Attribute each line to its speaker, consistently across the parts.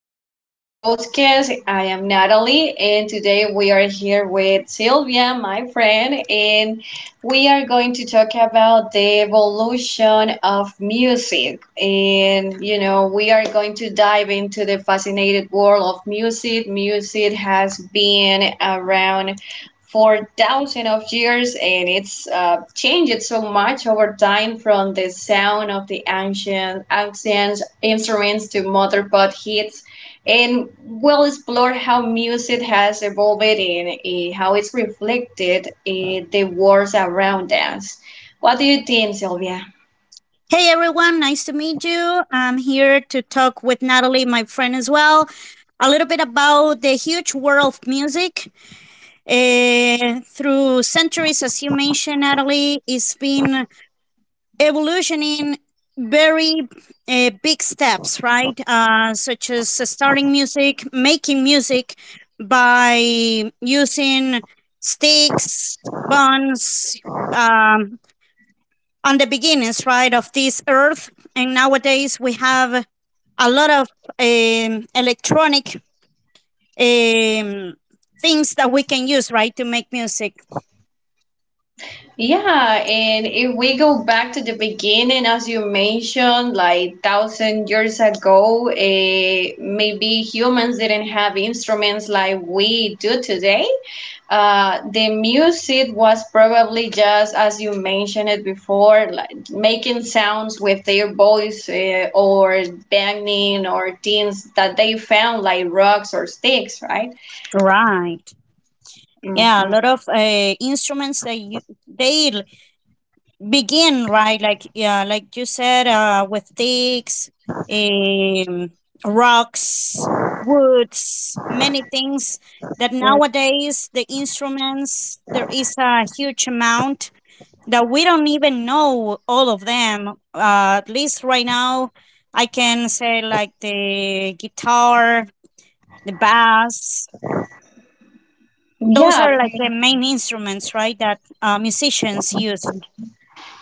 Speaker 1: welcome to today's podcast. I am Natalie, and today we are here with Sylvia, my friend, and we are going to talk about the evolution of music. And, you know, we are going to dive into the fascinating world of music. Music has been around for thousands of years and it's changed so much over time from the sound of the ancient instruments to modern pop hits and we'll explore how music has evolved and how it's reflected in the world around us. What do you think, Sylvia?
Speaker 2: Hey everyone, nice to meet you. I'm here to talk with Natalie, my friend as well, a little bit about the huge world of music. Through centuries, as you mentioned, Natalie, it's been evolutioning very big steps, right? Such as starting music, making music by using sticks, buns, um, on the beginnings, right, of this earth. And nowadays we have a lot of electronic um, things that we can use, right, to make music.
Speaker 1: Yeah, and if we go back to the beginning, as you mentioned, like thousand years ago, maybe humans didn't have instruments like we do today. The music was probably just, as you mentioned it before, like making sounds with their voice or banging or things that they found, like rocks or sticks, right?
Speaker 2: Right. Yeah, a
Speaker 1: Mhm.
Speaker 2: lot of instruments that they begin, right, like yeah, like you said, with sticks, um, rocks, woods, many things. That nowadays the instruments, there is a huge amount that we don't even know all of them. At least right now, I can say like the guitar, the bass. Those
Speaker 1: Yeah,
Speaker 2: are like the main instruments, right? That musicians use.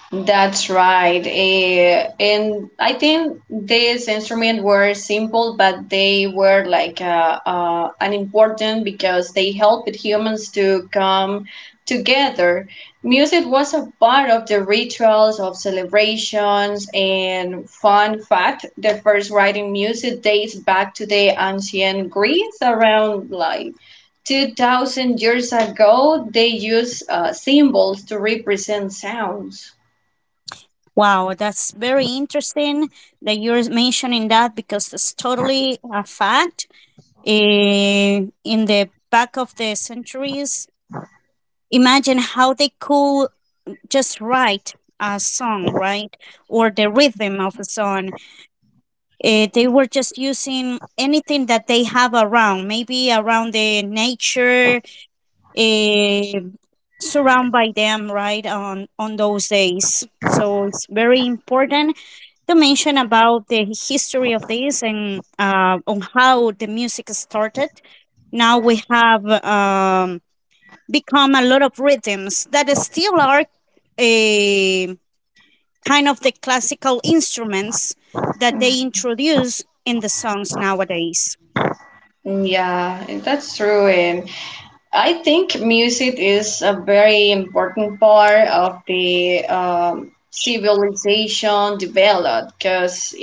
Speaker 1: that's right. And I think these instruments were simple, but they were like an important because they helped humans to come together. Music was a part of the rituals of celebrations. And fun fact, the first writing music dates back to the ancient Greece around like 2000 years ago. They used symbols to represent sounds.
Speaker 2: Wow, that's very interesting that you're mentioning that because it's totally a fact. In the back of the centuries, imagine how they could just write a song, right? Or the rhythm of a song. They were just using anything that they have around, maybe around the nature, uh, surround by them, right on those days. So it's very important to mention about the history of this and on how the music started. Now we have become a lot of rhythms that still are, um kind of the classical instruments that they introduce in the songs nowadays.
Speaker 1: Yeah, that's true. And I think music is a very important part of the civilization developed because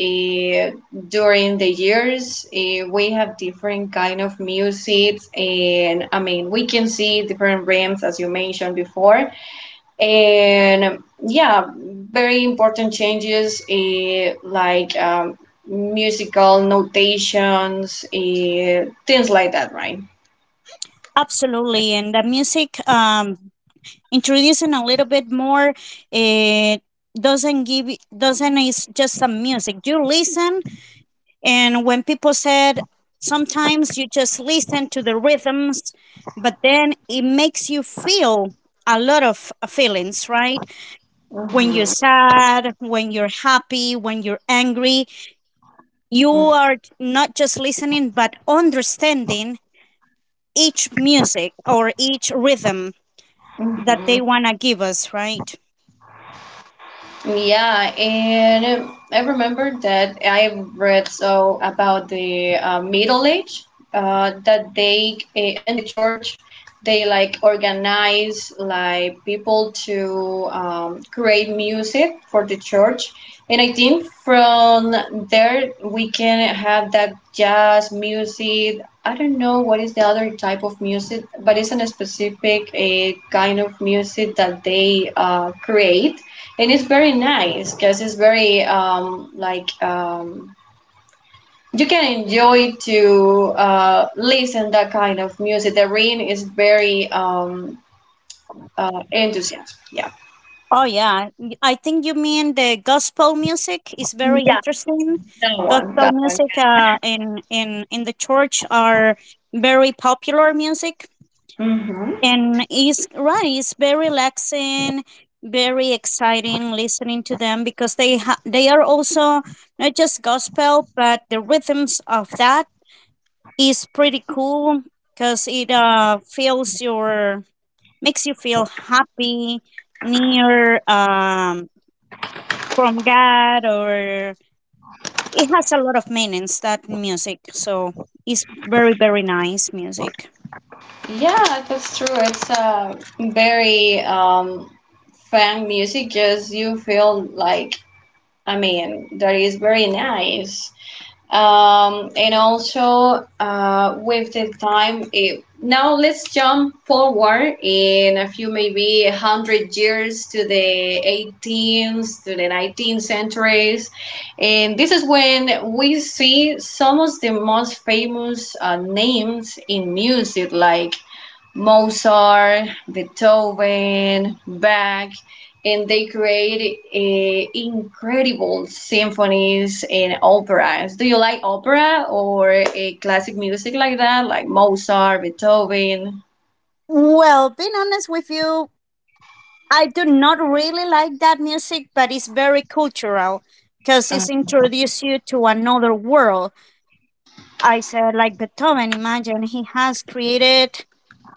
Speaker 1: during the years we have different kind of music and I mean we can see different realms as you mentioned before and yeah very important changes like musical notations things like that right.
Speaker 2: Absolutely, and the music introducing a little bit more. It doesn't give doesn't is just some music. You listen, and when people said sometimes you just listen to the rhythms, but then it makes you feel a lot of feelings, right? When you're sad, when you're happy, when you're angry, you are not just listening but understanding each music or each rhythm that
Speaker 1: Mm-hmm.
Speaker 2: they want to give us, right?
Speaker 1: Yeah, and I remember that I read so about the Middle Age that they in the church they like organize like people to create music for the church, and I think from there we can have that jazz music. I don't know what is the other type of music, but it's a specific a kind of music that they create it is very nice because it's very like you can enjoy to listen that kind of music. The rain is very enthusiastic. Yeah,
Speaker 2: Oh yeah, I think you mean the gospel music is very
Speaker 1: yeah.
Speaker 2: interesting.
Speaker 1: that one,
Speaker 2: Gospel
Speaker 1: that one.
Speaker 2: music, in the church, are very popular music,
Speaker 1: Yeah, hmm,
Speaker 2: and is right, it's very relaxing, very exciting listening to them because they are also not just gospel, but the rhythms of that is pretty cool because it feels your, makes you feel happy near, from God, or it has a lot of meanings, that music, so it's very very nice music.
Speaker 1: yeah, that's true. It's very fun music. Just you feel like I mean that is very nice. And also with the time now let's jump forward in a few maybe a hundred years to the 18th to the 19th centuries and this is when we see some of the most famous names in music like Mozart, Beethoven, Bach, and they create incredible symphonies and operas. Do you like opera or classic music like that, like Mozart, Beethoven?
Speaker 2: Well, being honest with you, I do not really like that music, but it's very cultural because it's
Speaker 1: Uh,
Speaker 2: introduced you to another world. I said like Beethoven, imagine he has created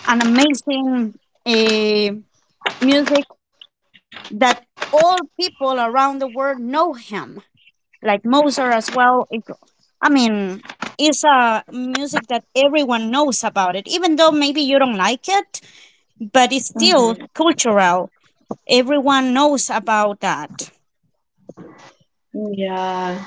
Speaker 2: an amazing uh, music that all people around the world know him, like Mozart as well. I mean, it's a music that everyone knows about it, even though maybe you don't like it, but it's still
Speaker 1: hmm,
Speaker 2: cultural. Everyone knows about that.
Speaker 1: yeah.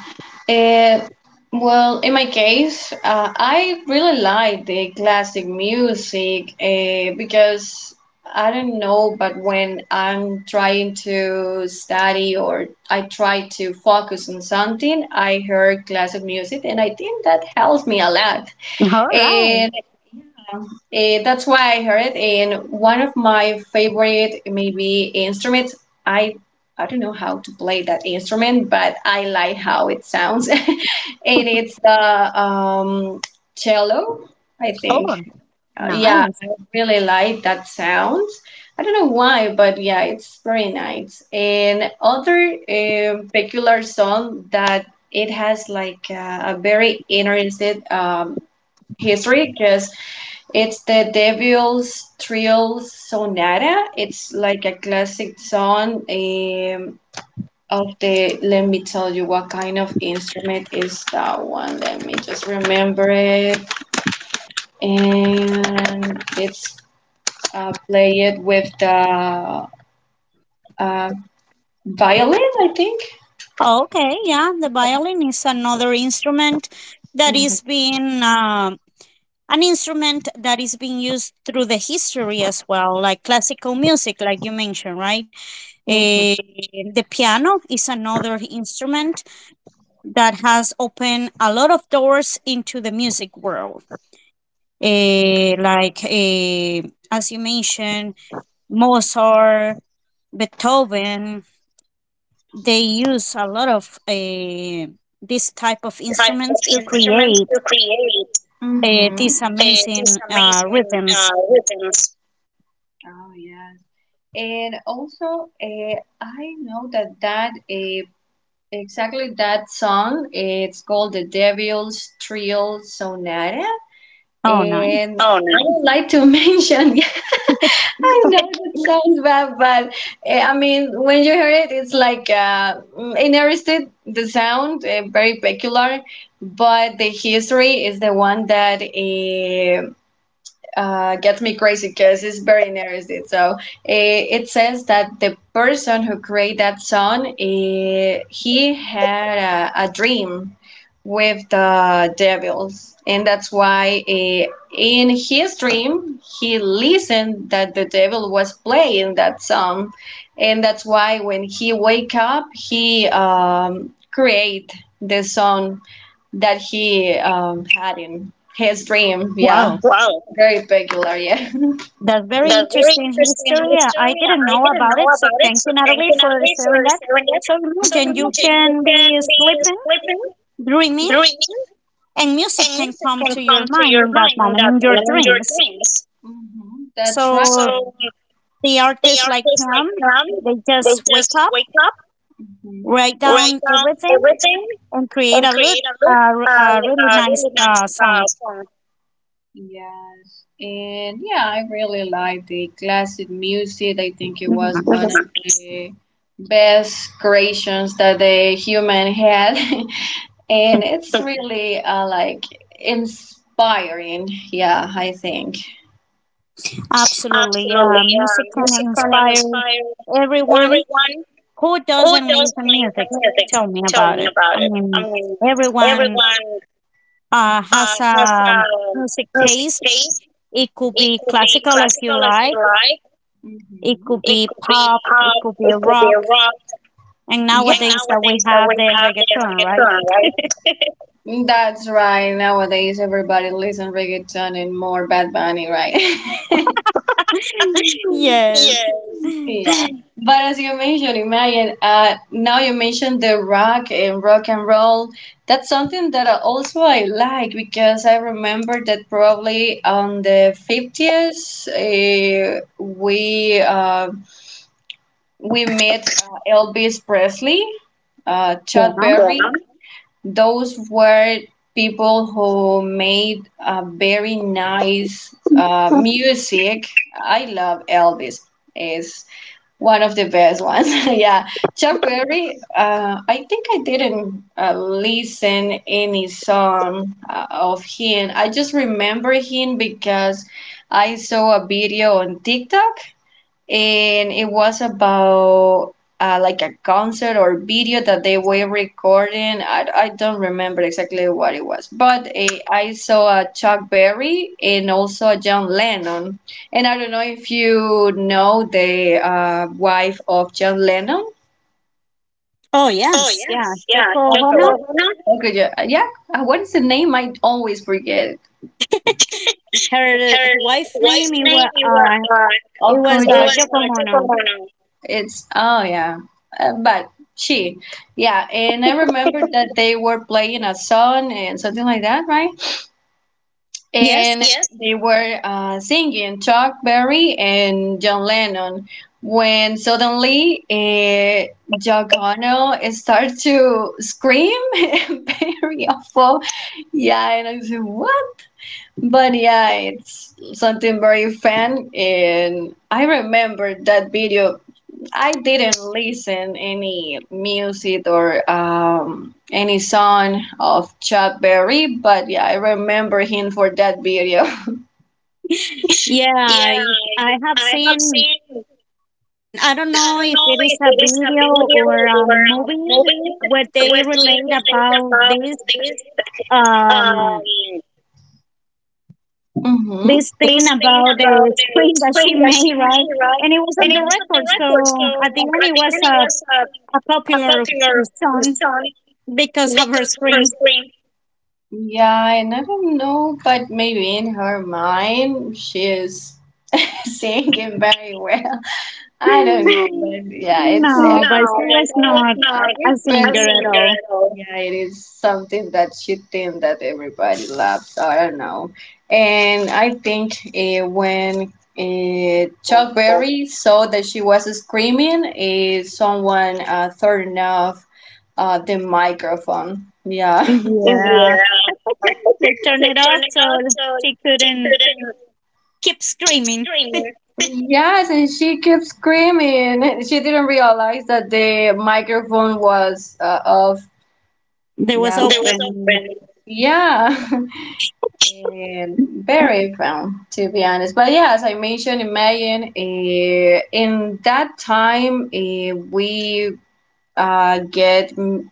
Speaker 1: Uh, well, in my case, I really like the classic music because I don't know, but when I'm trying to study or I try to focus on something, I heard classic music and I think that helps me a lot.
Speaker 2: All right.
Speaker 1: And that's why I heard, and one of my favorite maybe instruments. I I don't know how to play that instrument, but I like how it sounds, and it's the cello. I think,
Speaker 2: Oh,
Speaker 1: yeah,
Speaker 2: nice.
Speaker 1: I really like that sound. I don't know why, but yeah, it's very nice. And other peculiar song that it has like a very interesting history because it's the Devil's Trill Sonata. It's like a classic song of the. Let me tell you what kind of instrument is that one. Let me just remember it. And it's played with the uh, violin, I think.
Speaker 2: Okay, yeah, the violin is another instrument that
Speaker 1: Hmm,
Speaker 2: is being, an instrument that is being used through the history as well, like classical music, like you mentioned, right? Eh,
Speaker 1: hmm,
Speaker 2: the piano is another instrument that has opened a lot of doors into the music world. Like, as you mentioned, Mozart, Beethoven, they use a lot of this type of
Speaker 1: type of
Speaker 2: instruments to
Speaker 1: instruments
Speaker 2: create
Speaker 1: to create. Mm-hmm.
Speaker 2: these
Speaker 1: These
Speaker 2: amazing
Speaker 1: amazing
Speaker 2: rhythms.
Speaker 1: rhythms. Oh, yeah. And also, I know that exactly that song. It's called the Devil's Trio Sonata.
Speaker 2: Oh, nice.
Speaker 1: And oh, I no. Would like to mention. Yeah, I know it sounds bad, but I mean, when you hear it, it's like interested the sound, very peculiar. But the history is the one that gets me crazy because it's very interesting. So it says that the person who created that song, he had a dream with the devils, and that's why in his dream he listened that the devil was playing that song, and that's why when he wake up he create the song that he had in his dream. Yeah,
Speaker 2: Wow,
Speaker 1: wow, very peculiar. Yeah.
Speaker 2: that's very
Speaker 1: That's very
Speaker 2: interesting
Speaker 1: interesting
Speaker 2: history. I
Speaker 1: history.
Speaker 2: didn't
Speaker 1: I
Speaker 2: know
Speaker 1: didn't
Speaker 2: about
Speaker 1: know
Speaker 2: it, so
Speaker 1: about it,
Speaker 2: thank
Speaker 1: so
Speaker 2: you,
Speaker 1: thank
Speaker 2: Natalie,
Speaker 1: you,
Speaker 2: for
Speaker 1: Natalie,
Speaker 2: sharing
Speaker 1: for
Speaker 2: that.
Speaker 1: sharing it.
Speaker 2: So
Speaker 1: So
Speaker 2: imagine you
Speaker 1: imagine you
Speaker 2: can be
Speaker 1: can be
Speaker 2: sleeping,
Speaker 1: sleeping,
Speaker 2: dreaming,
Speaker 1: dreaming,
Speaker 2: and
Speaker 1: and
Speaker 2: music can
Speaker 1: music
Speaker 2: come
Speaker 1: can
Speaker 2: to your
Speaker 1: come to
Speaker 2: mind
Speaker 1: your
Speaker 2: in that
Speaker 1: mind in
Speaker 2: moment
Speaker 1: that
Speaker 2: in your
Speaker 1: moment in your
Speaker 2: dreams.
Speaker 1: dreams. Hmm. That's right.
Speaker 2: So
Speaker 1: So
Speaker 2: the
Speaker 1: the
Speaker 2: artists like
Speaker 1: artists like
Speaker 2: Pam,
Speaker 1: them,
Speaker 2: they
Speaker 1: they
Speaker 2: just wake
Speaker 1: just
Speaker 2: up,
Speaker 1: wake up, mhm,
Speaker 2: write
Speaker 1: write
Speaker 2: down
Speaker 1: down
Speaker 2: everything,
Speaker 1: everything,
Speaker 2: and create
Speaker 1: and create a,
Speaker 2: uh, r- a
Speaker 1: like
Speaker 2: really
Speaker 1: a
Speaker 2: nice
Speaker 1: really nice
Speaker 2: song.
Speaker 1: song. Yes, and yeah, I really like the classic music. I think it
Speaker 2: Mhm.
Speaker 1: was one of the best creations that the human had, and it's really like inspiring. Yeah, I think.
Speaker 2: Absolutely, yeah.
Speaker 1: Absolutely, yeah.
Speaker 2: Music can
Speaker 1: Music can
Speaker 2: inspire
Speaker 1: inspire
Speaker 2: everyone.
Speaker 1: everyone
Speaker 2: Who
Speaker 1: who
Speaker 2: doesn't listen to
Speaker 1: doesn't listen to
Speaker 2: music?
Speaker 1: music.
Speaker 2: Tell me
Speaker 1: Tell
Speaker 2: about
Speaker 1: me
Speaker 2: it.
Speaker 1: about
Speaker 2: I
Speaker 1: it. I
Speaker 2: mean,
Speaker 1: mean,
Speaker 2: everyone
Speaker 1: everyone
Speaker 2: has
Speaker 1: has
Speaker 2: a
Speaker 1: a
Speaker 2: music
Speaker 1: music
Speaker 2: taste.
Speaker 1: taste.
Speaker 2: It could
Speaker 1: It
Speaker 2: be
Speaker 1: could be
Speaker 2: classical as you
Speaker 1: classical if you
Speaker 2: like.
Speaker 1: like.
Speaker 2: It
Speaker 1: Mm-hmm.
Speaker 2: could
Speaker 1: It
Speaker 2: be
Speaker 1: could be
Speaker 2: pop. It
Speaker 1: pop.
Speaker 2: could be
Speaker 1: It could be
Speaker 2: rock.
Speaker 1: rock.
Speaker 2: And
Speaker 1: Yeah. And yeah,
Speaker 2: nowadays that we
Speaker 1: nowadays that
Speaker 2: have
Speaker 1: we
Speaker 2: the
Speaker 1: have the
Speaker 2: reggaeton, right?
Speaker 1: reggaeton, right? That's right. Nowadays, everybody listen reggaeton and more Bad Bunny, right? Yes.
Speaker 2: Yes.
Speaker 1: Yeah. But as you mentioned, imagine, now you mentioned the rock and rock and roll. That's something that I also I like because I remember that probably on the 50s, we met Elvis Presley, Chuck, yeah,
Speaker 2: Yeah.
Speaker 1: Berry. Those were people who made very nice music. I love Elvis. Is one of the best ones. Yeah. Chuck Berry, I think I didn't listen any song of him. I just remember him because I saw a video on TikTok and it was about like a concert or video that they were recording. I don't remember exactly what it was, but I saw a Chuck Berry and also a John Lennon. And I don't know if you know the wife of John Lennon.
Speaker 2: Oh
Speaker 1: Oh,
Speaker 2: yes, yeah.
Speaker 1: yes. Yeah.
Speaker 2: Yoko
Speaker 1: Just okay.
Speaker 2: Ono.
Speaker 1: Lorena? Okay, yeah, yeah. What is the name? I always forget.
Speaker 2: Her
Speaker 1: Her
Speaker 2: wife
Speaker 1: wife's
Speaker 2: name, it
Speaker 1: name
Speaker 2: was
Speaker 1: it was
Speaker 2: uh,
Speaker 1: uh,
Speaker 2: it
Speaker 1: it
Speaker 2: was
Speaker 1: Okojo.
Speaker 2: uh,
Speaker 1: was
Speaker 2: Yoko
Speaker 1: uh,
Speaker 2: Ono.
Speaker 1: Tekomono. It's oh yeah, but she, yeah, and I remember that they were playing a song and something like that, right?
Speaker 2: Yes.
Speaker 1: And yes, they were singing Chuck Berry and John Lennon. When suddenly Jack Connell started to scream, very awful. Yeah, and I said, "What?" But yeah, it's something very fun, and I remember that video. I didn't listen any music or any song of Chuck Berry, but yeah, I remember him for that video.
Speaker 2: Yeah,
Speaker 1: Yeah,
Speaker 2: I have
Speaker 1: I, have
Speaker 2: seen,
Speaker 1: seen, I
Speaker 2: I don't know
Speaker 1: don't
Speaker 2: if
Speaker 1: know
Speaker 2: it is
Speaker 1: if
Speaker 2: a
Speaker 1: it is a
Speaker 2: video
Speaker 1: video
Speaker 2: or a
Speaker 1: or a
Speaker 2: movie,
Speaker 1: movie
Speaker 2: where
Speaker 1: where
Speaker 2: they
Speaker 1: they
Speaker 2: relate
Speaker 1: relate
Speaker 2: about
Speaker 1: about
Speaker 2: this
Speaker 1: this.
Speaker 2: um
Speaker 1: Um, Mm-hmm.
Speaker 2: this thing
Speaker 1: This thing
Speaker 2: about
Speaker 1: about
Speaker 2: the
Speaker 1: the
Speaker 2: screen that she
Speaker 1: spring that she
Speaker 2: made, right?
Speaker 1: made, right?
Speaker 2: And it was on
Speaker 1: And it
Speaker 2: the
Speaker 1: was on the
Speaker 2: record,
Speaker 1: record,
Speaker 2: so at the
Speaker 1: so
Speaker 2: end
Speaker 1: at
Speaker 2: it
Speaker 1: the
Speaker 2: was
Speaker 1: end it
Speaker 2: a,
Speaker 1: was
Speaker 2: a
Speaker 1: a
Speaker 2: popular
Speaker 1: popular
Speaker 2: song
Speaker 1: song
Speaker 2: because of her
Speaker 1: because of her
Speaker 2: screen.
Speaker 1: spring. Yeah, and I don't know, but maybe in her mind she is singing very well. I don't know, but yeah, it's no,
Speaker 2: No, but
Speaker 1: every
Speaker 2: she was
Speaker 1: that's person,
Speaker 2: not
Speaker 1: not nice
Speaker 2: a
Speaker 1: every a person.
Speaker 2: singer at
Speaker 1: Singer
Speaker 2: all.
Speaker 1: at all. Yeah, it is something that she thinks that everybody loves. So I don't know, and I think when Chuck Berry saw that she was screaming, someone turned off the microphone. Yeah.
Speaker 2: Yeah.
Speaker 1: Yeah,
Speaker 2: They turned
Speaker 1: they
Speaker 2: it
Speaker 1: turn
Speaker 2: off
Speaker 1: it
Speaker 2: so
Speaker 1: off so you
Speaker 2: she
Speaker 1: can stick
Speaker 2: couldn't
Speaker 1: to them
Speaker 2: keep
Speaker 1: keep
Speaker 2: screaming.
Speaker 1: screaming. Yes, and she kept screaming. She didn't realize that the microphone was off.
Speaker 2: There was
Speaker 1: Yeah, there was
Speaker 2: open.
Speaker 1: open. Yeah, and very fun to be honest. But yeah, as I mentioned, imagine in that time we get mm,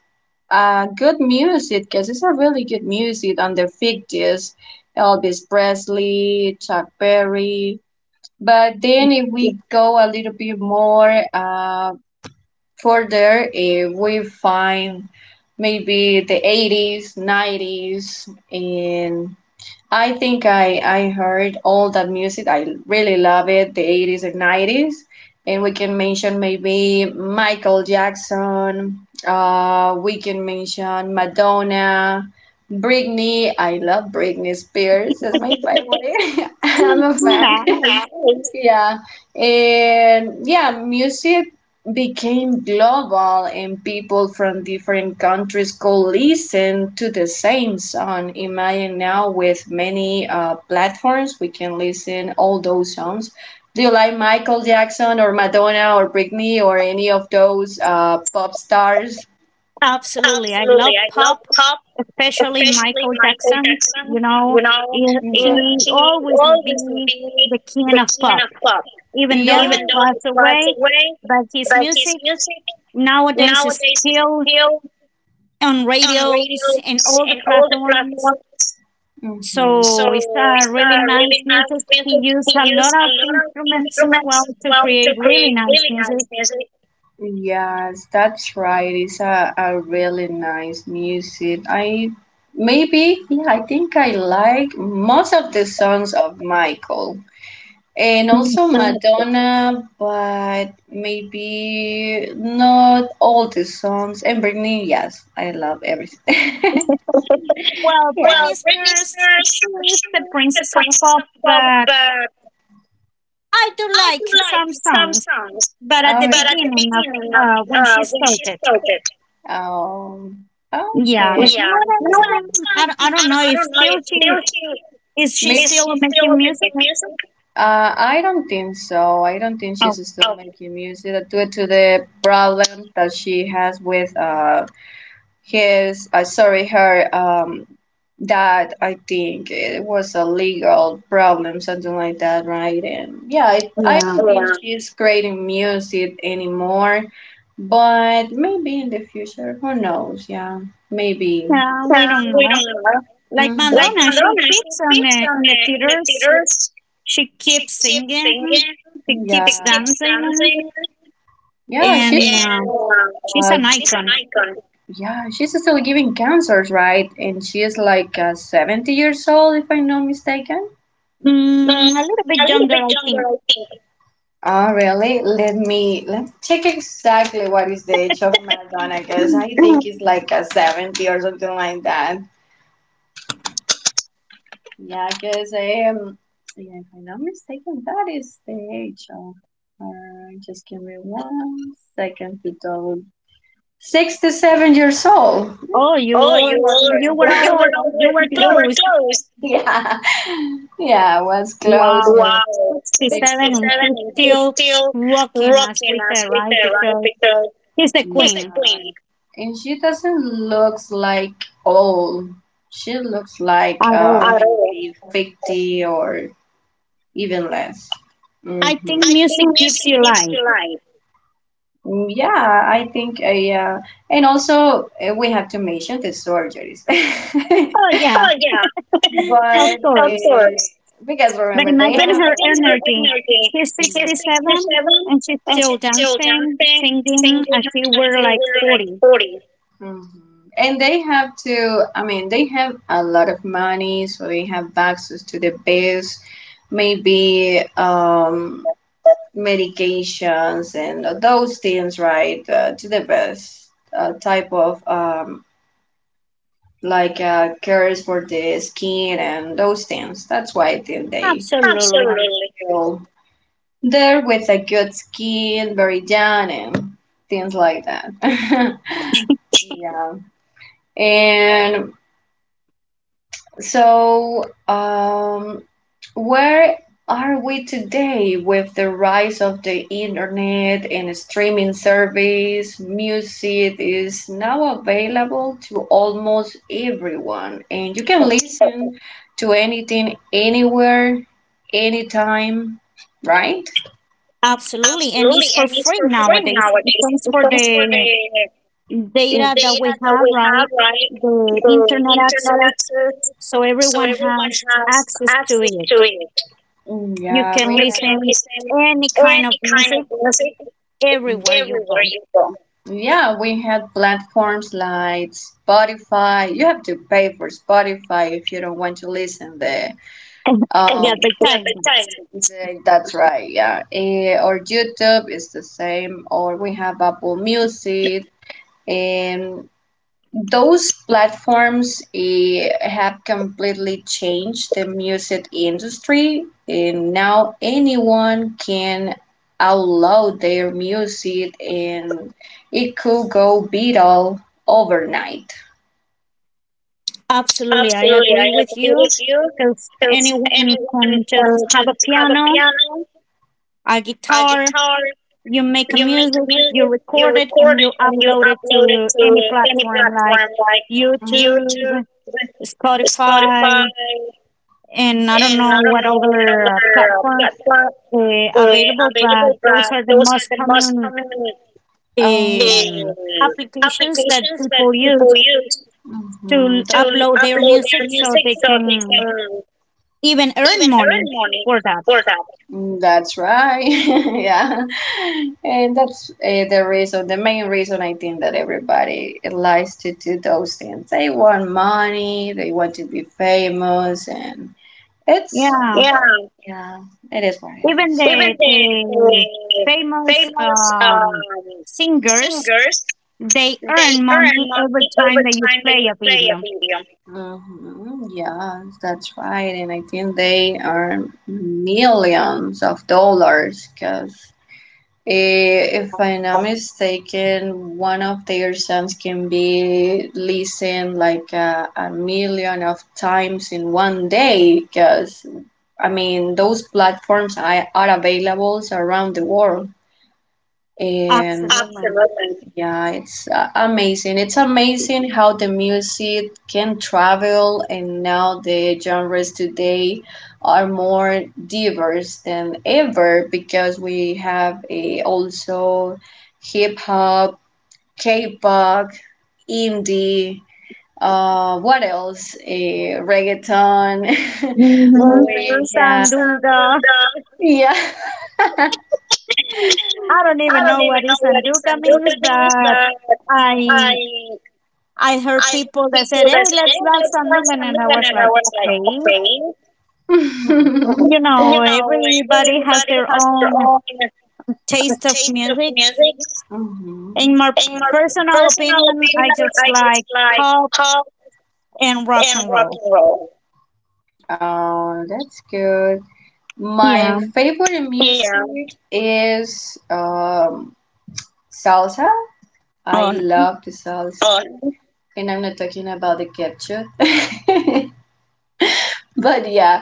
Speaker 1: uh, good music because it's a really good music on 50s. Elvis Presley, Chuck Berry, but then, if we go a little bit more further, we find maybe the 80s, 90s, and I think I heard all that music. I really love it, the 80s and 90s. And we can mention maybe Michael Jackson, we can mention Madonna, Britney. I love Britney Spears, that's my favorite. I'm a fan.
Speaker 2: Nice.
Speaker 1: Nice. Yeah. And yeah, music became global and people from different countries could listen to the same song imagine now with many platforms we can listen all those songs. Do you like Michael Jackson or Madonna or Britney or any of those pop stars?
Speaker 2: Absolutely. I
Speaker 1: Absolutely.
Speaker 2: love
Speaker 1: I love
Speaker 2: pop,
Speaker 1: pop,
Speaker 2: especially
Speaker 1: especially
Speaker 2: Michael
Speaker 1: Michael
Speaker 2: Jackson.
Speaker 1: Jackson.
Speaker 2: You know,
Speaker 1: You know,
Speaker 2: he
Speaker 1: yeah,
Speaker 2: he
Speaker 1: he
Speaker 2: always will
Speaker 1: always
Speaker 2: be
Speaker 1: be
Speaker 2: the king
Speaker 1: the
Speaker 2: of
Speaker 1: king
Speaker 2: pop,
Speaker 1: of pop,
Speaker 2: even
Speaker 1: yeah,
Speaker 2: though he
Speaker 1: even yeah, though he
Speaker 2: passed
Speaker 1: passed
Speaker 2: away.
Speaker 1: away.
Speaker 2: But his
Speaker 1: But his
Speaker 2: music
Speaker 1: music
Speaker 2: nowadays is
Speaker 1: nowadays is
Speaker 2: still
Speaker 1: still
Speaker 2: on
Speaker 1: on
Speaker 2: radios and
Speaker 1: radios
Speaker 2: all the
Speaker 1: and all the
Speaker 2: platforms.
Speaker 1: platforms. Mm-hmm. So
Speaker 2: So it's a
Speaker 1: it's a
Speaker 2: really nice
Speaker 1: really nice
Speaker 2: music. He
Speaker 1: music. We
Speaker 2: used a
Speaker 1: use
Speaker 2: lot
Speaker 1: a
Speaker 2: of
Speaker 1: lot of
Speaker 2: instruments as
Speaker 1: instruments
Speaker 2: well
Speaker 1: as
Speaker 2: to
Speaker 1: well
Speaker 2: create
Speaker 1: to
Speaker 2: really
Speaker 1: create
Speaker 2: nice
Speaker 1: really nice
Speaker 2: music.
Speaker 1: music. Yes, that's right. It's a really nice music. I maybe yeah, I think I like most of the songs of Michael and
Speaker 2: Mm.
Speaker 1: also Madonna, but maybe not all the songs. And Britney, yes, I love everything.
Speaker 2: Well,
Speaker 1: yeah. Well,
Speaker 2: Britney
Speaker 1: Britney
Speaker 2: Spears, she
Speaker 1: Spears, for
Speaker 2: is the
Speaker 1: sure, the
Speaker 2: princess of
Speaker 1: princess
Speaker 2: pop,
Speaker 1: of pop,
Speaker 2: but
Speaker 1: but
Speaker 2: I do
Speaker 1: I do
Speaker 2: like
Speaker 1: like
Speaker 2: some
Speaker 1: some
Speaker 2: songs.
Speaker 1: songs.
Speaker 2: But at the
Speaker 1: All, but right, at right, the
Speaker 2: beginning of
Speaker 1: beginning of,
Speaker 2: when she
Speaker 1: when she
Speaker 2: started,
Speaker 1: started. Um. Okay.
Speaker 2: yeah.
Speaker 1: Yeah,
Speaker 2: Nowadays,
Speaker 1: no, yeah, that song,
Speaker 2: I
Speaker 1: I,
Speaker 2: don't know
Speaker 1: don't- I
Speaker 2: if
Speaker 1: don't know
Speaker 2: still
Speaker 1: if they're,
Speaker 2: she
Speaker 1: maybe. Is she
Speaker 2: still
Speaker 1: still
Speaker 2: making
Speaker 1: making
Speaker 2: music.
Speaker 1: music? I don't think so. I don't think she's
Speaker 2: Oh,
Speaker 1: still, oh, making music due to the problem that she has with his, I sorry, her, dad. I think it was a legal problem, something like that, right? And yeah, I don't
Speaker 2: yeah.
Speaker 1: think, yeah, she's creating music anymore, but maybe in the future, who knows? Yeah, maybe.
Speaker 2: Yeah, we
Speaker 1: Yeah,
Speaker 2: don't
Speaker 1: we
Speaker 2: know.
Speaker 1: don't
Speaker 2: Like
Speaker 1: know. Like
Speaker 2: Madonna, she
Speaker 1: Madonna, she
Speaker 2: keeps
Speaker 1: keeps on
Speaker 2: in the
Speaker 1: the, in the
Speaker 2: theaters.
Speaker 1: theaters.
Speaker 2: She
Speaker 1: She
Speaker 2: keeps
Speaker 1: keeps
Speaker 2: singing.
Speaker 1: singing.
Speaker 2: She
Speaker 1: She, yeah,
Speaker 2: keeps
Speaker 1: keeps
Speaker 2: dancing,
Speaker 1: dancing. Yeah,
Speaker 2: and
Speaker 1: she's and
Speaker 2: she's an
Speaker 1: she's an
Speaker 2: icon.
Speaker 1: icon. Yeah, she's still giving concerts, right? And she is like 70 years old, if I'm not mistaken.
Speaker 2: Mm, a little
Speaker 1: A
Speaker 2: bit
Speaker 1: little
Speaker 2: younger, I
Speaker 1: bit
Speaker 2: think.
Speaker 1: younger, I think. Oh, really? Let me check exactly what is the age of Madonna, because
Speaker 2: Mm.
Speaker 1: I think it's like a 70 or something like that. Yeah, because I am, yeah, if I'm not mistaken, that is the age of her. Just give me one second to double. 67 years old.
Speaker 2: Oh, you
Speaker 1: Oh,
Speaker 2: were
Speaker 1: you
Speaker 2: you were
Speaker 1: were you
Speaker 2: always,
Speaker 1: were
Speaker 2: you
Speaker 1: always,
Speaker 2: were
Speaker 1: you were
Speaker 2: close.
Speaker 1: close. yeah, yeah, I was close.
Speaker 2: Wow,
Speaker 1: Wow,
Speaker 2: 67, and
Speaker 1: 67,
Speaker 2: she's
Speaker 1: and she's
Speaker 2: still
Speaker 1: still
Speaker 2: rocking us
Speaker 1: rocking
Speaker 2: with her,
Speaker 1: us with
Speaker 2: right?
Speaker 1: her, right?
Speaker 2: Because
Speaker 1: Because
Speaker 2: she's the
Speaker 1: she's a,
Speaker 2: queen
Speaker 1: yeah, queen. And she doesn't looks like old. She looks like,
Speaker 2: at all.
Speaker 1: at all, maybe 50 or even less.
Speaker 2: I
Speaker 1: Mm-hmm. I
Speaker 2: think
Speaker 1: think
Speaker 2: music gives
Speaker 1: music
Speaker 2: you
Speaker 1: gives
Speaker 2: life.
Speaker 1: you life. Mm, yeah, and also we have to mention the surgeries.
Speaker 2: Oh yeah,
Speaker 1: Oh, yeah,
Speaker 2: of
Speaker 1: but of
Speaker 2: course.
Speaker 1: course, because
Speaker 2: But
Speaker 1: remember they, but
Speaker 2: imagine
Speaker 1: have,
Speaker 2: her
Speaker 1: imagine her
Speaker 2: energy.
Speaker 1: energy.
Speaker 2: She's
Speaker 1: She's, yeah,
Speaker 2: 67
Speaker 1: 67
Speaker 2: and she's
Speaker 1: and
Speaker 2: still
Speaker 1: she's still
Speaker 2: dancing,
Speaker 1: dancing,
Speaker 2: singing
Speaker 1: singing
Speaker 2: as she
Speaker 1: and
Speaker 2: were
Speaker 1: she
Speaker 2: like
Speaker 1: were like
Speaker 2: 40.
Speaker 1: 40. hmm And they have to, I mean, they have a lot of money, so they have access to the best, maybe medications and those things, right, to the best type of like cares for the skin and those things. That's why I think they are,
Speaker 2: Absolutely.
Speaker 1: absolutely, still there with a good skin, very young, and things like that. yeah, and so where are we today with the rise of the internet and streaming service? Music is now available to almost everyone, and you can listen to anything, anywhere, anytime, right?
Speaker 2: Absolutely. And
Speaker 1: Absolutely,
Speaker 2: it's for
Speaker 1: and it's
Speaker 2: free
Speaker 1: for free
Speaker 2: nowadays. It
Speaker 1: nowadays
Speaker 2: comes for
Speaker 1: because for
Speaker 2: the
Speaker 1: the
Speaker 2: data that
Speaker 1: data
Speaker 2: we
Speaker 1: that
Speaker 2: have,
Speaker 1: we have,
Speaker 2: right?
Speaker 1: right?
Speaker 2: The
Speaker 1: The
Speaker 2: internet
Speaker 1: internet
Speaker 2: access.
Speaker 1: access,
Speaker 2: So
Speaker 1: so
Speaker 2: everyone
Speaker 1: everyone
Speaker 2: has
Speaker 1: has
Speaker 2: access to
Speaker 1: access to
Speaker 2: it.
Speaker 1: it. Mm,
Speaker 2: You
Speaker 1: yeah, we,
Speaker 2: can
Speaker 1: you have, can have,
Speaker 2: listen
Speaker 1: listen
Speaker 2: any kind of
Speaker 1: any kind of
Speaker 2: music
Speaker 1: music, mm.
Speaker 2: everywhere you
Speaker 1: everywhere
Speaker 2: go.
Speaker 1: you go. Yeah, we had platforms like Spotify. You have to pay for Spotify if you don't want to listen there. And
Speaker 2: The
Speaker 1: The
Speaker 2: advertisement.
Speaker 1: advertisements. That's right, yeah. Or YouTube is the same, or we have Apple Music. Those platforms have completely changed the music industry, and now anyone can upload their music, and it could go viral overnight.
Speaker 2: Absolutely, I
Speaker 1: Absolutely,
Speaker 2: agree
Speaker 1: I
Speaker 2: with
Speaker 1: agree
Speaker 2: you
Speaker 1: with you.
Speaker 2: because
Speaker 1: Because
Speaker 2: anyone
Speaker 1: anyone
Speaker 2: can just
Speaker 1: can
Speaker 2: have a
Speaker 1: just have a
Speaker 2: piano,
Speaker 1: piano,
Speaker 2: a
Speaker 1: a
Speaker 2: guitar,
Speaker 1: guitar,
Speaker 2: you make a
Speaker 1: you make
Speaker 2: music, you
Speaker 1: music, you
Speaker 2: record it,
Speaker 1: record
Speaker 2: and you
Speaker 1: it, and you
Speaker 2: upload it
Speaker 1: upload it
Speaker 2: to
Speaker 1: to
Speaker 2: any
Speaker 1: any
Speaker 2: platform like
Speaker 1: platform like YouTube,
Speaker 2: YouTube,
Speaker 1: Spotify,
Speaker 2: Spotify, and I don't
Speaker 1: and
Speaker 2: know
Speaker 1: I don't
Speaker 2: what
Speaker 1: know what
Speaker 2: other
Speaker 1: other
Speaker 2: platform
Speaker 1: platform
Speaker 2: available, but
Speaker 1: available,
Speaker 2: those
Speaker 1: but
Speaker 2: are the
Speaker 1: those are
Speaker 2: most
Speaker 1: the most
Speaker 2: common
Speaker 1: common
Speaker 2: um, applications that
Speaker 1: applications that
Speaker 2: people
Speaker 1: people
Speaker 2: use
Speaker 1: use, mm-hmm,
Speaker 2: to
Speaker 1: to
Speaker 2: upload their
Speaker 1: upload
Speaker 2: music
Speaker 1: their
Speaker 2: so
Speaker 1: music
Speaker 2: they
Speaker 1: so they
Speaker 2: can
Speaker 1: can
Speaker 2: even
Speaker 1: even
Speaker 2: earn
Speaker 1: earn
Speaker 2: money
Speaker 1: money
Speaker 2: for that.
Speaker 1: for that. Mm, that's right. yeah. And that's the reason, the main reason I think that everybody likes to do those things. They want money, they want to be famous, and
Speaker 2: Yeah,
Speaker 1: yeah, yeah, it is what it
Speaker 2: even
Speaker 1: is,
Speaker 2: the
Speaker 1: even right? the,
Speaker 2: the
Speaker 1: the
Speaker 2: famous
Speaker 1: famous
Speaker 2: singers,
Speaker 1: singers,
Speaker 2: they
Speaker 1: they
Speaker 2: earn
Speaker 1: earn
Speaker 2: money every
Speaker 1: money over
Speaker 2: time that you
Speaker 1: time that you
Speaker 2: play a
Speaker 1: play a
Speaker 2: video.
Speaker 1: video. Mm-hmm. Yes, that's right. And I think they earn millions of dollars because if I'm not mistaken, one of their songs can be listened like a million of times in one day because I mean, those platforms are available around the world. And,
Speaker 2: Absolutely.
Speaker 1: absolutely, yeah, it's amazing. It's amazing how the music can travel, and now the genres today are more diverse than ever because we have also hip hop, K-pop, indie. What else? A reggaeton.
Speaker 2: Mm-hmm.
Speaker 1: We have
Speaker 2: Sanduga.
Speaker 1: Sambita, yeah.
Speaker 2: I don't
Speaker 1: I
Speaker 2: even
Speaker 1: don't
Speaker 2: know
Speaker 1: even
Speaker 2: what
Speaker 1: know
Speaker 2: is
Speaker 1: what
Speaker 2: sanduga
Speaker 1: sambutan
Speaker 2: means,
Speaker 1: means,
Speaker 2: but
Speaker 1: but I
Speaker 2: I I heard
Speaker 1: I heard
Speaker 2: people that
Speaker 1: people
Speaker 2: said,
Speaker 1: that
Speaker 2: "Hey,
Speaker 1: said,
Speaker 2: let's
Speaker 1: "Hey,
Speaker 2: dance
Speaker 1: it's not
Speaker 2: Sandunga," and I was
Speaker 1: sambutan," and I
Speaker 2: like,
Speaker 1: was like,
Speaker 2: "Okay."
Speaker 1: "Okay."
Speaker 2: You know,
Speaker 1: You know,
Speaker 2: everybody has
Speaker 1: everybody
Speaker 2: their
Speaker 1: has their
Speaker 2: own
Speaker 1: own
Speaker 2: taste of
Speaker 1: taste of
Speaker 2: music.
Speaker 1: music.
Speaker 2: In
Speaker 1: Mm-hmm.
Speaker 2: my
Speaker 1: In my
Speaker 2: personal
Speaker 1: personal
Speaker 2: opinion,
Speaker 1: opinion,
Speaker 2: I just
Speaker 1: I just
Speaker 2: like
Speaker 1: like
Speaker 2: pop
Speaker 1: pop
Speaker 2: and rock
Speaker 1: and
Speaker 2: and
Speaker 1: rock
Speaker 2: roll.
Speaker 1: and roll. Oh, that's good. My favorite,
Speaker 2: Yeah.
Speaker 1: yeah, music, yeah, is salsa. I
Speaker 2: Oh,
Speaker 1: love the salsa. Oh. And I'm not talking about the ketchup. but yeah,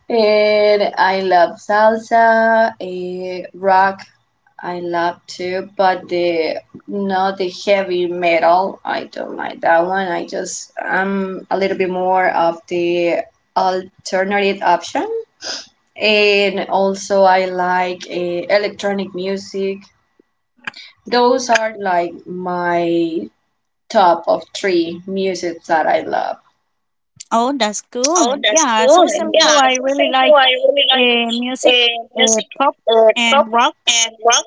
Speaker 1: and I love salsa, rock. I love too, but the not the heavy metal. I don't like that one. I'm a little bit more of the alternative option, and also I like electronic music. Those are like my top of three music that I love.
Speaker 2: oh, that's cool.
Speaker 1: Oh, that's
Speaker 2: Yeah.
Speaker 1: cool!
Speaker 2: So,
Speaker 1: Yeah,
Speaker 2: Sergio, I
Speaker 1: so
Speaker 2: really
Speaker 1: thank
Speaker 2: like
Speaker 1: I really like
Speaker 2: music,
Speaker 1: music,
Speaker 2: pop and
Speaker 1: pop,
Speaker 2: rock.
Speaker 1: and rock.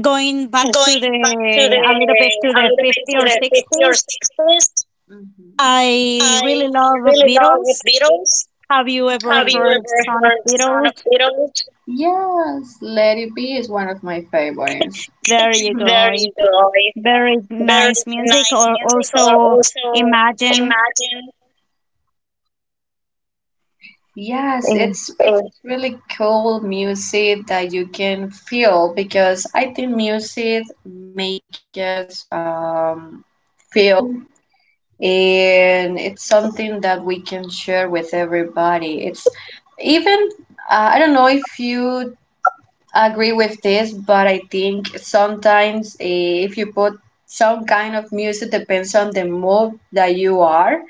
Speaker 2: Going back to
Speaker 1: Going
Speaker 2: the
Speaker 1: back to the
Speaker 2: a little bit to
Speaker 1: a
Speaker 2: the
Speaker 1: little bit to
Speaker 2: 50s or
Speaker 1: the 50s or
Speaker 2: 60s,
Speaker 1: 60s,
Speaker 2: I really
Speaker 1: I
Speaker 2: love
Speaker 1: really love the
Speaker 2: Beatles.
Speaker 1: Beatles.
Speaker 2: Have you ever
Speaker 1: Have, oh, you, oh,
Speaker 2: heard
Speaker 1: ever
Speaker 2: "Son of
Speaker 1: heard Son
Speaker 2: Beatles"?
Speaker 1: of Beatles? Yes, Let It Be is one of my favorites.
Speaker 2: There you
Speaker 1: Mhm. There
Speaker 2: go.
Speaker 1: you go.
Speaker 2: Very
Speaker 1: Very
Speaker 2: nice music.
Speaker 1: nice
Speaker 2: Or
Speaker 1: music, or
Speaker 2: also
Speaker 1: also
Speaker 2: Imagine.
Speaker 1: Imagine. Yes,
Speaker 2: Uh,
Speaker 1: it's really cool music that you can feel because I think music makes us feel, and it's something that we can share with everybody. It's even I don't know if you agree with this, but I think sometimes if you put some kind of music, depends on the mood that you are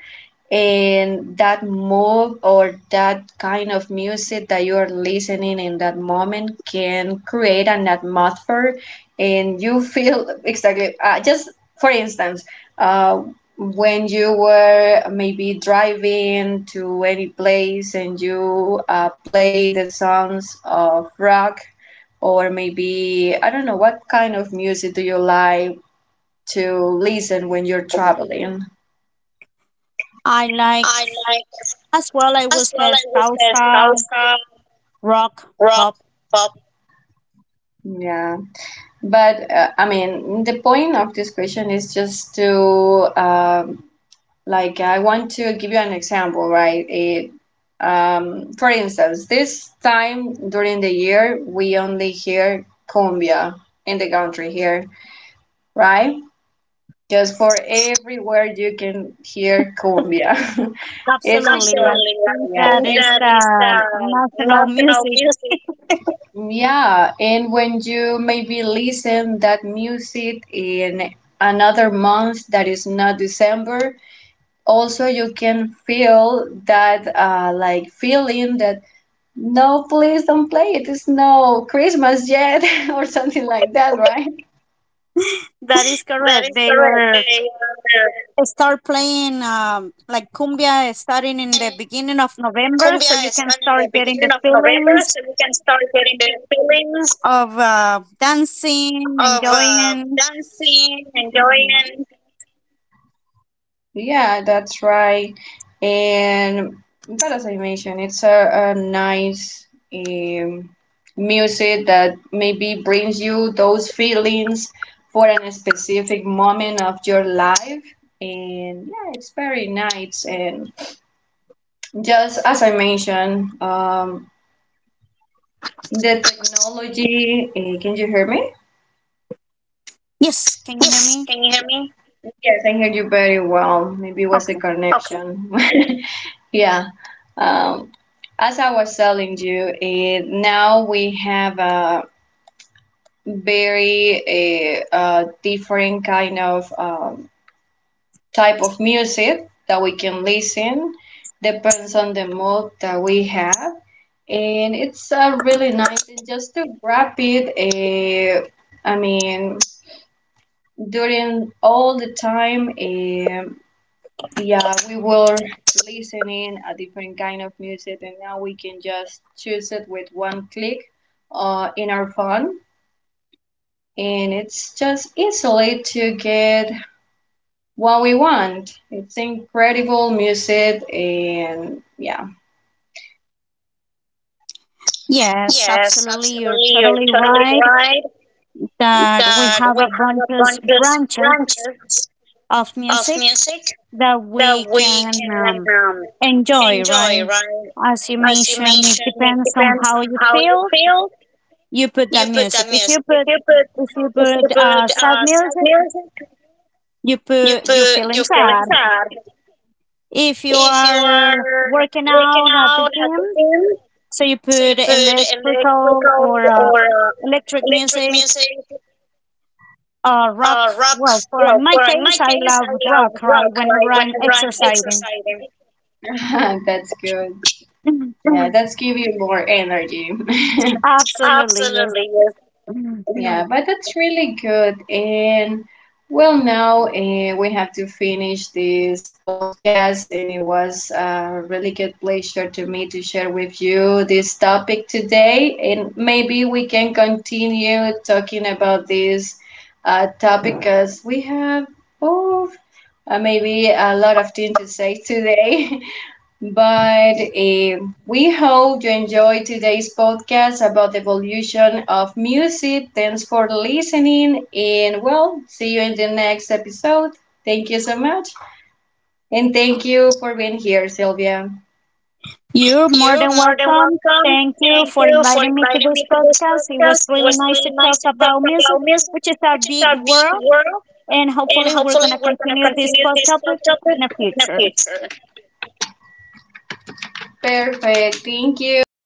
Speaker 1: and that move or that kind of music that you are listening in that moment can create an atmosphere and you feel exactly, just for instance, uh, when you were maybe driving to any place and you play the songs of rock, or maybe I don't know what kind of music do you like to listen when you're traveling.
Speaker 2: I
Speaker 1: I
Speaker 2: like
Speaker 1: like,
Speaker 2: As well, I would
Speaker 1: as well,
Speaker 2: say
Speaker 1: I would say
Speaker 2: salsa,
Speaker 1: salsa,
Speaker 2: rock,
Speaker 1: rock,
Speaker 2: pop.
Speaker 1: pop. Yeah, but I mean, the point of this question is just to like, I want to give you an example, right? For instance, this time during the year we only hear cumbia in the country here, right? Just for everywhere you can hear cumbia. it's because,
Speaker 2: Absolutely. I
Speaker 1: absolutely,
Speaker 2: think
Speaker 1: I, yeah,
Speaker 2: that
Speaker 1: think it's
Speaker 2: is
Speaker 1: that is
Speaker 2: the
Speaker 1: the
Speaker 2: national
Speaker 1: national
Speaker 2: music.
Speaker 1: music. Yeah, and when you maybe listen that music in another month that is not December, also you can feel that like feeling that no, please don't play it. It's no Christmas yet, or something like that, right?
Speaker 2: That is correct. They
Speaker 1: That is
Speaker 2: were
Speaker 1: correct. They are
Speaker 2: start playing like cumbia starting in the beginning of November,
Speaker 1: cumbia
Speaker 2: so you
Speaker 1: is
Speaker 2: can
Speaker 1: done in the
Speaker 2: start getting the
Speaker 1: beginning of November,
Speaker 2: feelings
Speaker 1: so we can start getting the feelings
Speaker 2: of dancing,
Speaker 1: of
Speaker 2: enjoying.
Speaker 1: dancing, mhm, enjoying. Yeah, that's right. And but as I mentioned, it's a nice um, music that maybe brings you those feelings for a specific moment of your life. And yeah, it's very nice. And just as I mentioned, the technology. Can you hear me?
Speaker 2: Yes, can you hear
Speaker 1: Yes,
Speaker 2: me?
Speaker 1: can you hear me? Yes, I hear you very well. Maybe it was the,
Speaker 2: Okay.
Speaker 1: okay, connection. Yeah. Um, as I was telling you, now we have a very different kind of type of music that we can listen, depends on the mood that we have. And it's really nice, and just to wrap it, I mean, during all the time. Yeah, we were listening a different kind of music, and now we can just choose it with one click in our phone, and it's just easily to get what we want. It's incredible music, and yeah.
Speaker 2: Yes,
Speaker 1: Yes,
Speaker 2: absolutely. You're
Speaker 1: absolutely. You're
Speaker 2: totally
Speaker 1: totally
Speaker 2: right
Speaker 1: right
Speaker 2: that we
Speaker 1: that
Speaker 2: have
Speaker 1: we
Speaker 2: a bunch
Speaker 1: have a bunch
Speaker 2: of
Speaker 1: of
Speaker 2: branches
Speaker 1: branches
Speaker 2: of
Speaker 1: of
Speaker 2: music
Speaker 1: music
Speaker 2: that
Speaker 1: that
Speaker 2: we
Speaker 1: we
Speaker 2: can
Speaker 1: can um,
Speaker 2: enjoy,
Speaker 1: enjoy,
Speaker 2: right? As you
Speaker 1: right? As you
Speaker 2: mentioned, it
Speaker 1: mentioned, it
Speaker 2: depends on
Speaker 1: depends
Speaker 2: how
Speaker 1: on
Speaker 2: you
Speaker 1: how you
Speaker 2: feel.
Speaker 1: feel.
Speaker 2: You put
Speaker 1: You
Speaker 2: that
Speaker 1: put
Speaker 2: music.
Speaker 1: that
Speaker 2: If you
Speaker 1: music. If
Speaker 2: put
Speaker 1: you put
Speaker 2: if you
Speaker 1: if you
Speaker 2: put
Speaker 1: put
Speaker 2: sad
Speaker 1: sad
Speaker 2: music,
Speaker 1: music, you put
Speaker 2: you feeling
Speaker 1: you feeling
Speaker 2: sad.
Speaker 1: sad.
Speaker 2: If you
Speaker 1: If you
Speaker 2: are
Speaker 1: are
Speaker 2: working
Speaker 1: working
Speaker 2: out at the
Speaker 1: out at
Speaker 2: gym,
Speaker 1: the gym,
Speaker 2: so you
Speaker 1: so you
Speaker 2: put
Speaker 1: put electrical or
Speaker 2: electric
Speaker 1: electric
Speaker 2: music,
Speaker 1: music,
Speaker 2: rock.
Speaker 1: rock.
Speaker 2: Well, for
Speaker 1: Well,
Speaker 2: in my
Speaker 1: for in my
Speaker 2: case, I
Speaker 1: case, I
Speaker 2: love
Speaker 1: love
Speaker 2: rock. Right,
Speaker 1: rock. Right,
Speaker 2: whenever I'm
Speaker 1: whenever I'm
Speaker 2: exercising,
Speaker 1: exercising. That's good. Yeah, that's give you more energy.
Speaker 2: absolutely yes.
Speaker 1: Absolutely, yes. Yeah, but that's really good. And well, now we have to finish this podcast, and it was a really good pleasure to me to share with you this topic today. And maybe we can continue talking about this topic because we have both maybe a lot of things to say today. But we hope you enjoyed today's podcast about the evolution of music. Thanks for listening, and well, see you in the next episode. Thank you so much, and thank you for being here, Sylvia.
Speaker 2: You're more
Speaker 1: You're
Speaker 2: than
Speaker 1: more than
Speaker 2: welcome.
Speaker 1: welcome.
Speaker 2: Thank you
Speaker 1: Thank
Speaker 2: for
Speaker 1: you for
Speaker 2: inviting me to
Speaker 1: inviting
Speaker 2: this
Speaker 1: me to this
Speaker 2: podcast. It
Speaker 1: podcast.
Speaker 2: was
Speaker 1: It
Speaker 2: really
Speaker 1: was
Speaker 2: nice to
Speaker 1: really nice
Speaker 2: talk
Speaker 1: to talk
Speaker 2: about music,
Speaker 1: about music,
Speaker 2: which is a
Speaker 1: which is
Speaker 2: big
Speaker 1: a big
Speaker 2: world,
Speaker 1: world,
Speaker 2: and
Speaker 1: and
Speaker 2: hopefully we're
Speaker 1: hopefully
Speaker 2: going to
Speaker 1: we're going to
Speaker 2: continue this
Speaker 1: continue
Speaker 2: pod
Speaker 1: this
Speaker 2: topic in
Speaker 1: topic
Speaker 2: the
Speaker 1: in the
Speaker 2: future.
Speaker 1: future. Perfect. Thank you, and.